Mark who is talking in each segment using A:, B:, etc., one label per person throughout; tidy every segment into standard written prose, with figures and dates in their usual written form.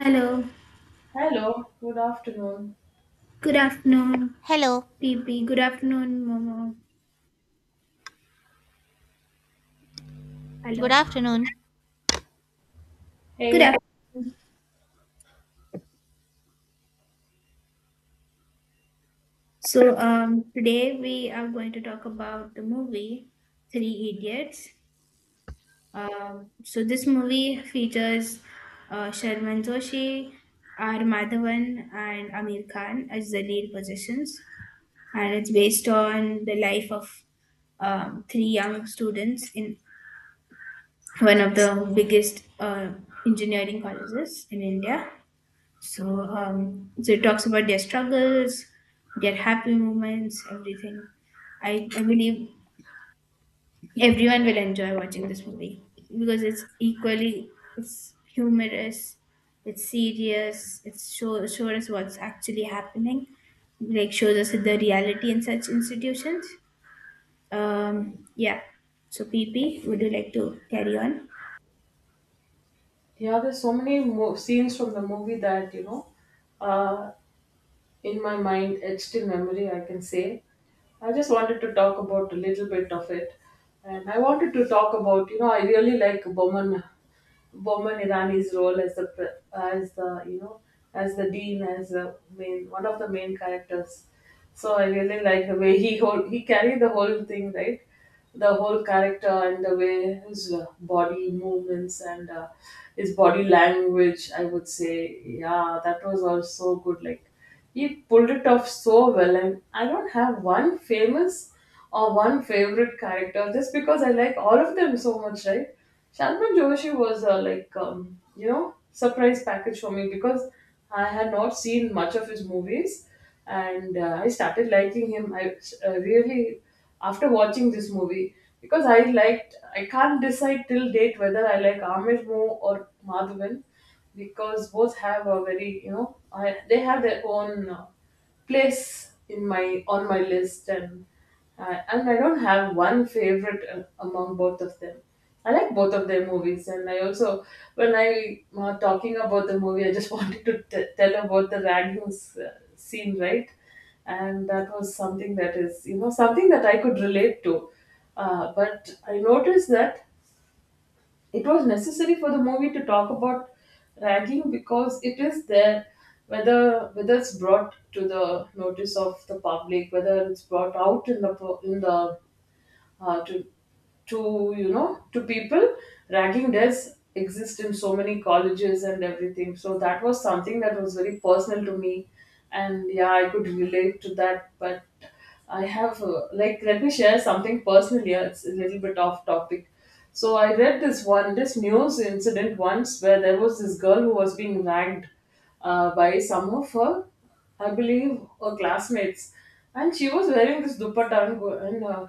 A: Hello.
B: Hello, good afternoon.
A: Good afternoon,
C: Hello,
A: PP. Good afternoon, Momo.
C: good
A: Hello.
C: afternoon.
A: Good
B: Hey,
A: afternoon. So, today we are going to talk about the movie Three Idiots. So this movie features Sharman Joshi, R. Madhavan, and Amir Khan as the lead positions, and it's based on the life of three young students in one of the biggest engineering colleges in India. So it talks about their struggles, their happy moments, everything. I believe everyone will enjoy watching this movie because it's humorous, it's serious, it shows us what's actually happening, like shows us the reality in such institutions. Um, yeah. So PP, would you like to carry on?
B: yeah, there's so many scenes from the movie that, uh, in my mind, etched in memory, I can say. I just wanted to talk about a little bit of it. And I wanted to talk about, I really like Boman Irani's role as the dean, as the main one of the main characters. So I really like the way he carried the whole thing, right, the whole character and the way his body movements and his body language. I would say, yeah, that was also good. Like, he pulled it off so well, and I don't have one famous or one favorite character just because I like all of them so much, right? Salman Joshi was like, surprise package for me because I had not seen much of his movies, and I started liking him. I really, after watching this movie, because I can't decide till date whether I like Amir more or Madhavan, because both have a very, they have their own place in my on my list, and I don't have one favorite among both of them. I like both of their movies, and I also, when I talking about the movie, I just wanted to tell about the Raghu's scene, right? And that was something that is something that I could relate to, but I noticed that it was necessary for the movie to talk about ragging, because it is there, whether it's brought to the notice of the public, whether it's brought out in the uh, to to to people. Ragging does exist in so many colleges and everything, so that was something that was very personal to me. And yeah, I could relate to that. But I have, like, let me share something personal here. It's a little bit off topic. So I read this news incident once where there was this girl who was being ragged by some of her, I believe, her classmates. And she was wearing this dupatta, and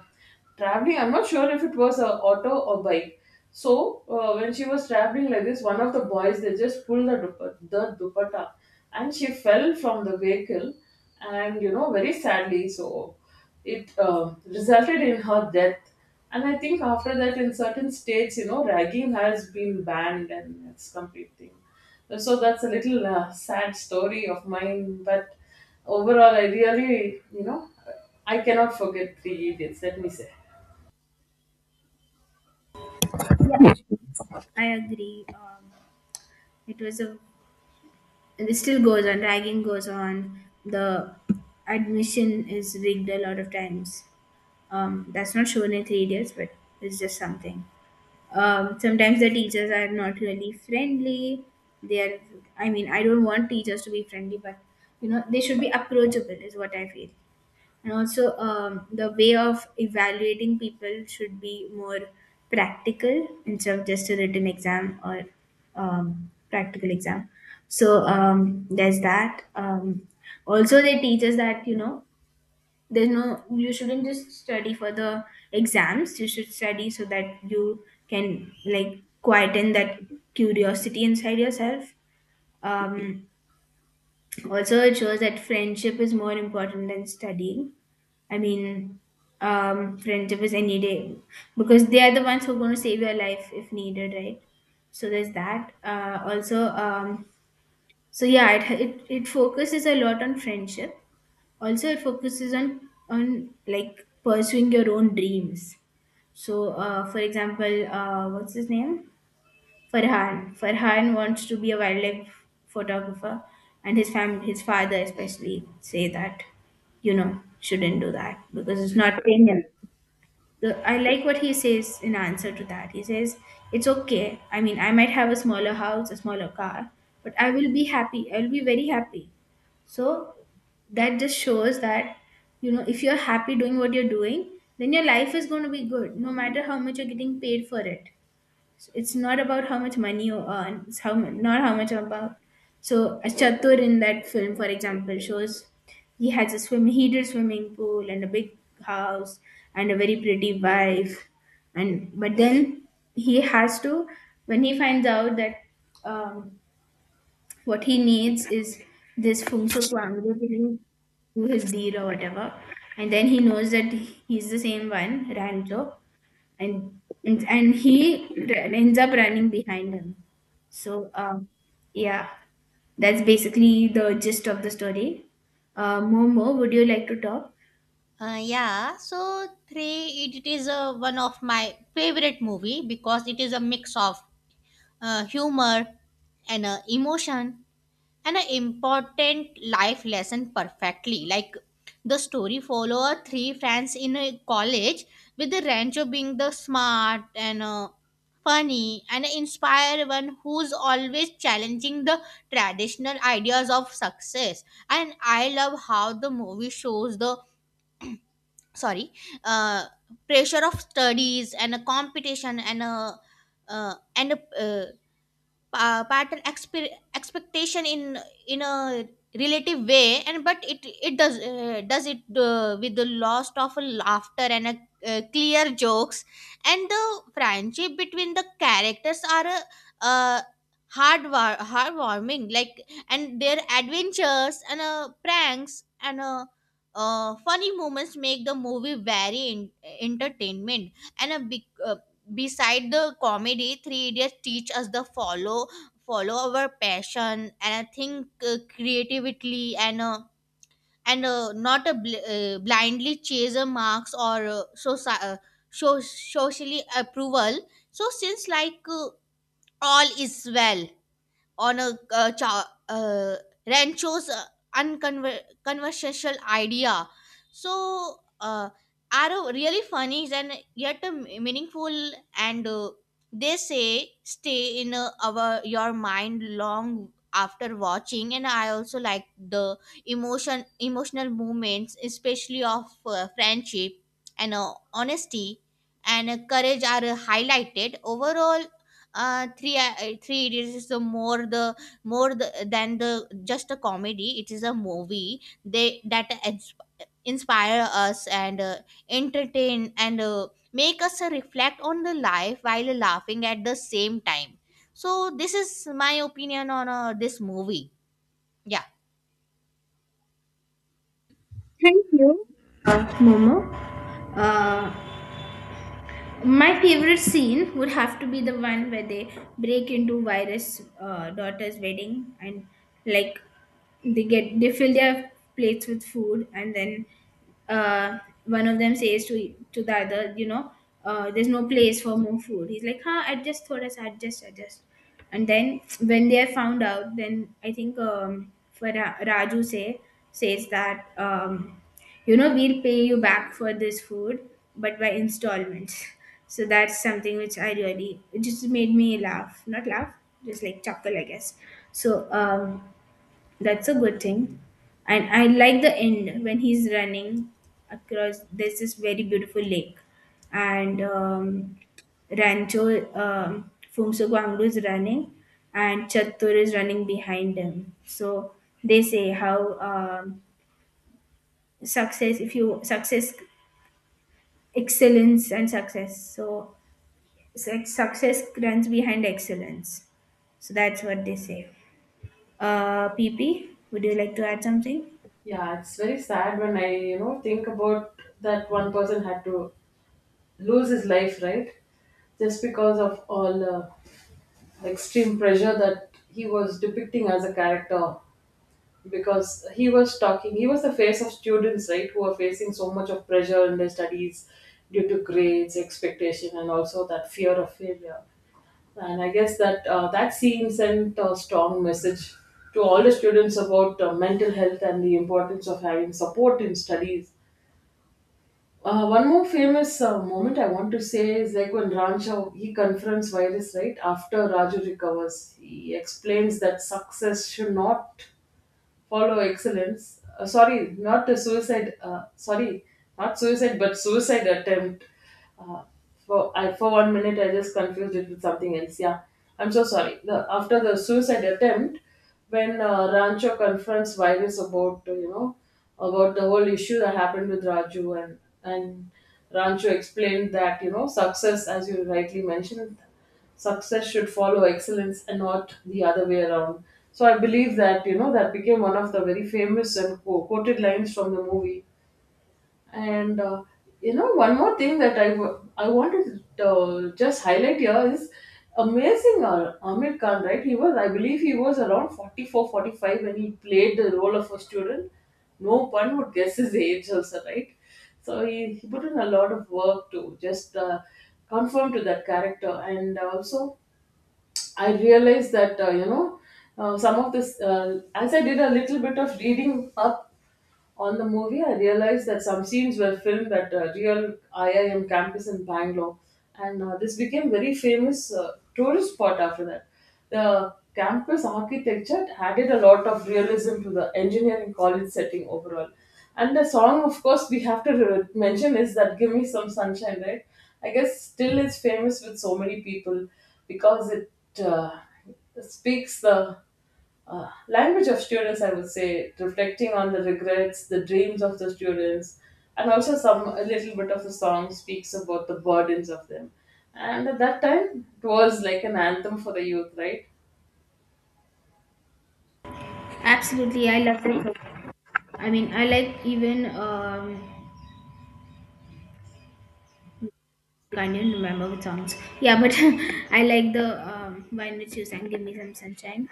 B: traveling. I'm not sure if it was a auto or bike. So, when she was traveling like this, one of the boys, they just pulled the the dupatta, and she fell from the vehicle, and, you know, very sadly. So it resulted in her death. And I think after that, in certain states, you know, ragging has been banned, and it's complete thing. So that's a little sad story of mine, but overall, I really, I cannot forget Three Idiots, let me say.
A: I agree. It was a And this still goes on, ragging goes on. The Admission is rigged a lot of times. That's not shown in Three Idiots, but it's just something. Sometimes the teachers are not really friendly. They are, I mean, I don't want teachers to be friendly, but you know, they should be approachable, is what I feel. And also, the way of evaluating people should be more practical instead of just a written exam or practical exam. So there's that. Also, they teach us that, you know, there's no you shouldn't just study for the exams, you should study so that you can like quieten that curiosity inside yourself. um, Also, it shows that friendship is more important than studying. I mean, Friendship is any day, because they are the ones who are going to save your life if needed, right? So there's that. Also, yeah, it it focuses a lot on friendship. Also, it focuses on like pursuing your own dreams. So, for example, what's his name? Farhan. Farhan wants to be a wildlife photographer, and his father especially say that, you know, shouldn't do that because it's not paying him the— I like what he says in answer to that. He says, it's okay. I mean, I might have a smaller house, a smaller car, but I will be happy. I will be very happy. So that just shows that, you know, if you're happy doing what you're doing, then your life is going to be good, no matter how much you're getting paid for it. So it's not about how much money you earn. It's how mu- not how much about. So a Chatur in that film, for example, shows he has a swim heated swimming pool and a big house and a very pretty wife, and but then he has to when he finds out that um, what he needs is this Fung Suk Wang, basically do his deed or whatever. And then he knows that he's the same one, Rancho, and ends up running behind him. So yeah that's basically the gist of the story. Momo, would you like to talk?
C: Yeah, three it is one of my favorite movie because it is a mix of humor and emotion and an important life lesson perfectly. Like the story follow a three friends in a college with the Rancho being the smart and funny and inspire one who's always challenging the traditional ideas of success. And I love how the movie shows the sorry uh, pressure of studies and a competition and a uh, and a, uh, expectation in a relative way, and but it does it with the loss of laughter and a, clear jokes, and the friendship between the characters are uh, heartwarming. Like, and their adventures and pranks and funny moments make the movie very entertainment. And a big beside the comedy, three idiots teach us the follow our passion, and I think creatively and not a blindly chase a marks or socially approval. So since like all is well on a Rancho's unconversational idea. So are really funny and yet meaningful, and they say stay in our your mind long after watching. And I also like the emotional moments, especially of friendship and honesty and courage are highlighted. Overall, three idiots is the more the more the, than the just a comedy. It is a movie they that ins- inspire us and entertain and make us reflect on the life while laughing at the same time. So this is my opinion on this movie. Yeah.
A: Thank you. Momo uh, my favorite scene would have to be the one where they break into virus daughter's wedding and like they get they fill their plates with food. And then, uh, one of them says to the other, you know, there's no place for more food. He's like, huh, adjust thoda sa, adjust, adjust. And then when they are found out, then I think, Raju says that, you know, we'll pay you back for this food, but by installments. So that's something which I really— it just made me laugh, not laugh, just like chuckle, I guess. So that's a good thing. And I like the end when he's running across. There's this very beautiful lake. And Rancho, Fumso Gwangru, is running, and Chattur is running behind him. So they say how, success, if you success, excellence, and success. So success runs behind excellence. So that's what they say. PP, would you like to add something?
B: Yeah, it's very sad when I, think about that one person had to lose his life, right? Just because of all the extreme pressure that he was depicting as a character. Because he was the face of students, right, who are facing so much of pressure in their studies due to grades, expectation, and also that fear of failure. And I guess that scene sent a strong message to all the students about mental health and the importance of having support in studies. One more famous moment I want to say is, like, when Rancho, he confronts virus right after Raju recovers. He explains that success should not follow excellence. Sorry, not the suicide. Sorry, not suicide, but suicide attempt. Uh, for I for one minute I just confused it with something else. Yeah, I'm so sorry. After the suicide attempt, when Rancho confronts virus about, about the whole issue that happened with Raju, and Rancho explained that, success, as you rightly mentioned, success should follow excellence and not the other way around. So I believe that, that became one of the very famous and quoted lines from the movie. And, one more thing that I wanted to just highlight here is amazing Amir Khan, right? He was, I believe, he was around 44, 45 when he played the role of a student. No one would guess his age also, right? So, he put in a lot of work to just conform to that character. And also, I realized that some of this, as I did a little bit of reading up on the movie, I realized that some scenes were filmed at a real IIM campus in Bangalore, and this became very famous tourist spot after that. The campus architecture added a lot of realism to the engineering college setting overall. And the song, of course, we have to mention is that "Give Me Some Sunshine," right? I guess still is famous with so many people because it uh, speaks the language of students, I would say, reflecting on the regrets, the dreams of the students, and also some a little bit of the song speaks about the burdens of them. And at that time, it was like an anthem for the youth, right?
A: Absolutely, I love that song. I mean, I like even, I didn't remember the songs. Yeah, but I like the, "Why Not You" sang "Give Me Some Sunshine."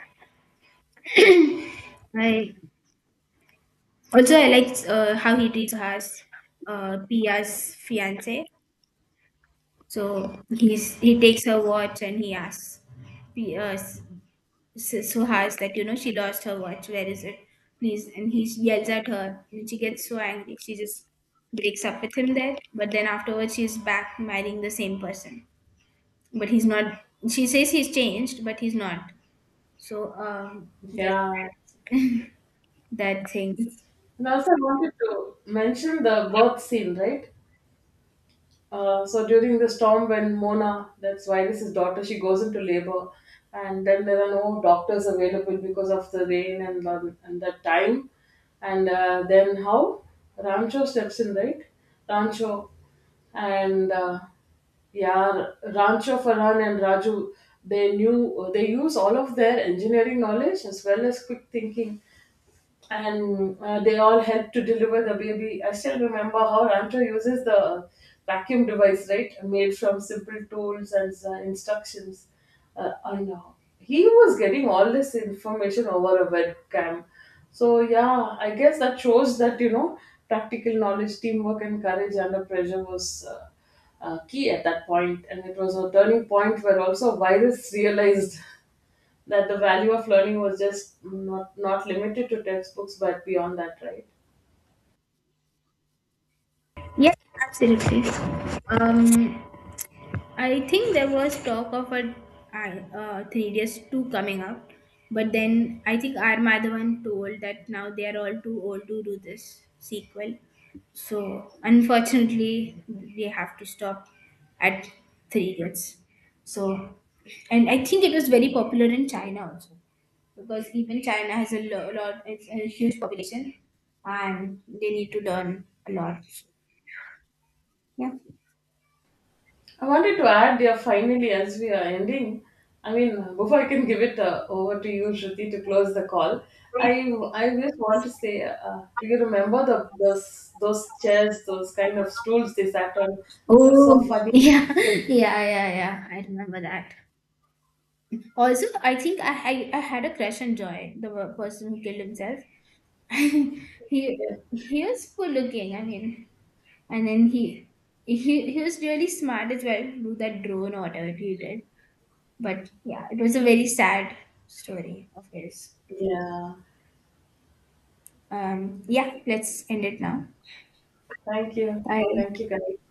A: I also I like how he treats her as Pia's fiance. So he's he takes her watch and he asks P Pia's— so, so hard, like, you know, she lost her watch. Where is it? Please. And he yells at her, and she gets so angry. She just breaks up with him there. But then afterwards, she's back marrying the same person. But he's not. She says he's changed, but he's not. So, that's
B: Yeah.
A: that thing.
B: And also, I wanted to mention the birth scene, right? So during the storm, when Mona, that's Virus's daughter, she goes into labor, and then there are no doctors available because of the rain and the time, and then how Rancho steps in, right? Rancho, and Yeah, Rancho, Farhan and Raju, they use all of their engineering knowledge as well as quick thinking, and they all help to deliver the baby. I still remember how Rancho uses the vacuum device, right? Made from simple tools and instructions. I know. He was getting all this information over a webcam. So, yeah, I guess that shows that, practical knowledge, teamwork, and courage under pressure was, key at that point, and it was a turning point where also virus realized that the value of learning was just not limited to textbooks but beyond that, right?
A: Yes, absolutely. Um, I think there was talk of a, 3DS2 coming out, but then I think R. Madhavan told that now they are all too old to do this sequel. So unfortunately, we have to stop at 3DS. So, and I think it was very popular in China also, because even China has a lot, it's a huge population, and they need to learn a lot. Yeah.
B: I wanted to add, yeah, finally, as we are ending, I mean, before I can give it over to you, Shruti, to close the call. I i just want to say, do you remember the those those chairs, those kind of stools they sat on? That's so
A: Oh,
B: funny.
A: yeah, yeah, yeah, yeah. I remember that. Also, I think I had a crush on Joy, the person who killed himself. He was cool looking. I mean, and then he he was really smart as well. Do that drone or whatever he did. But yeah, it was a very sad story of his.
B: Yeah,
A: Yeah, let's end it now.
B: thank you.
A: Bye.
B: Thank you guys.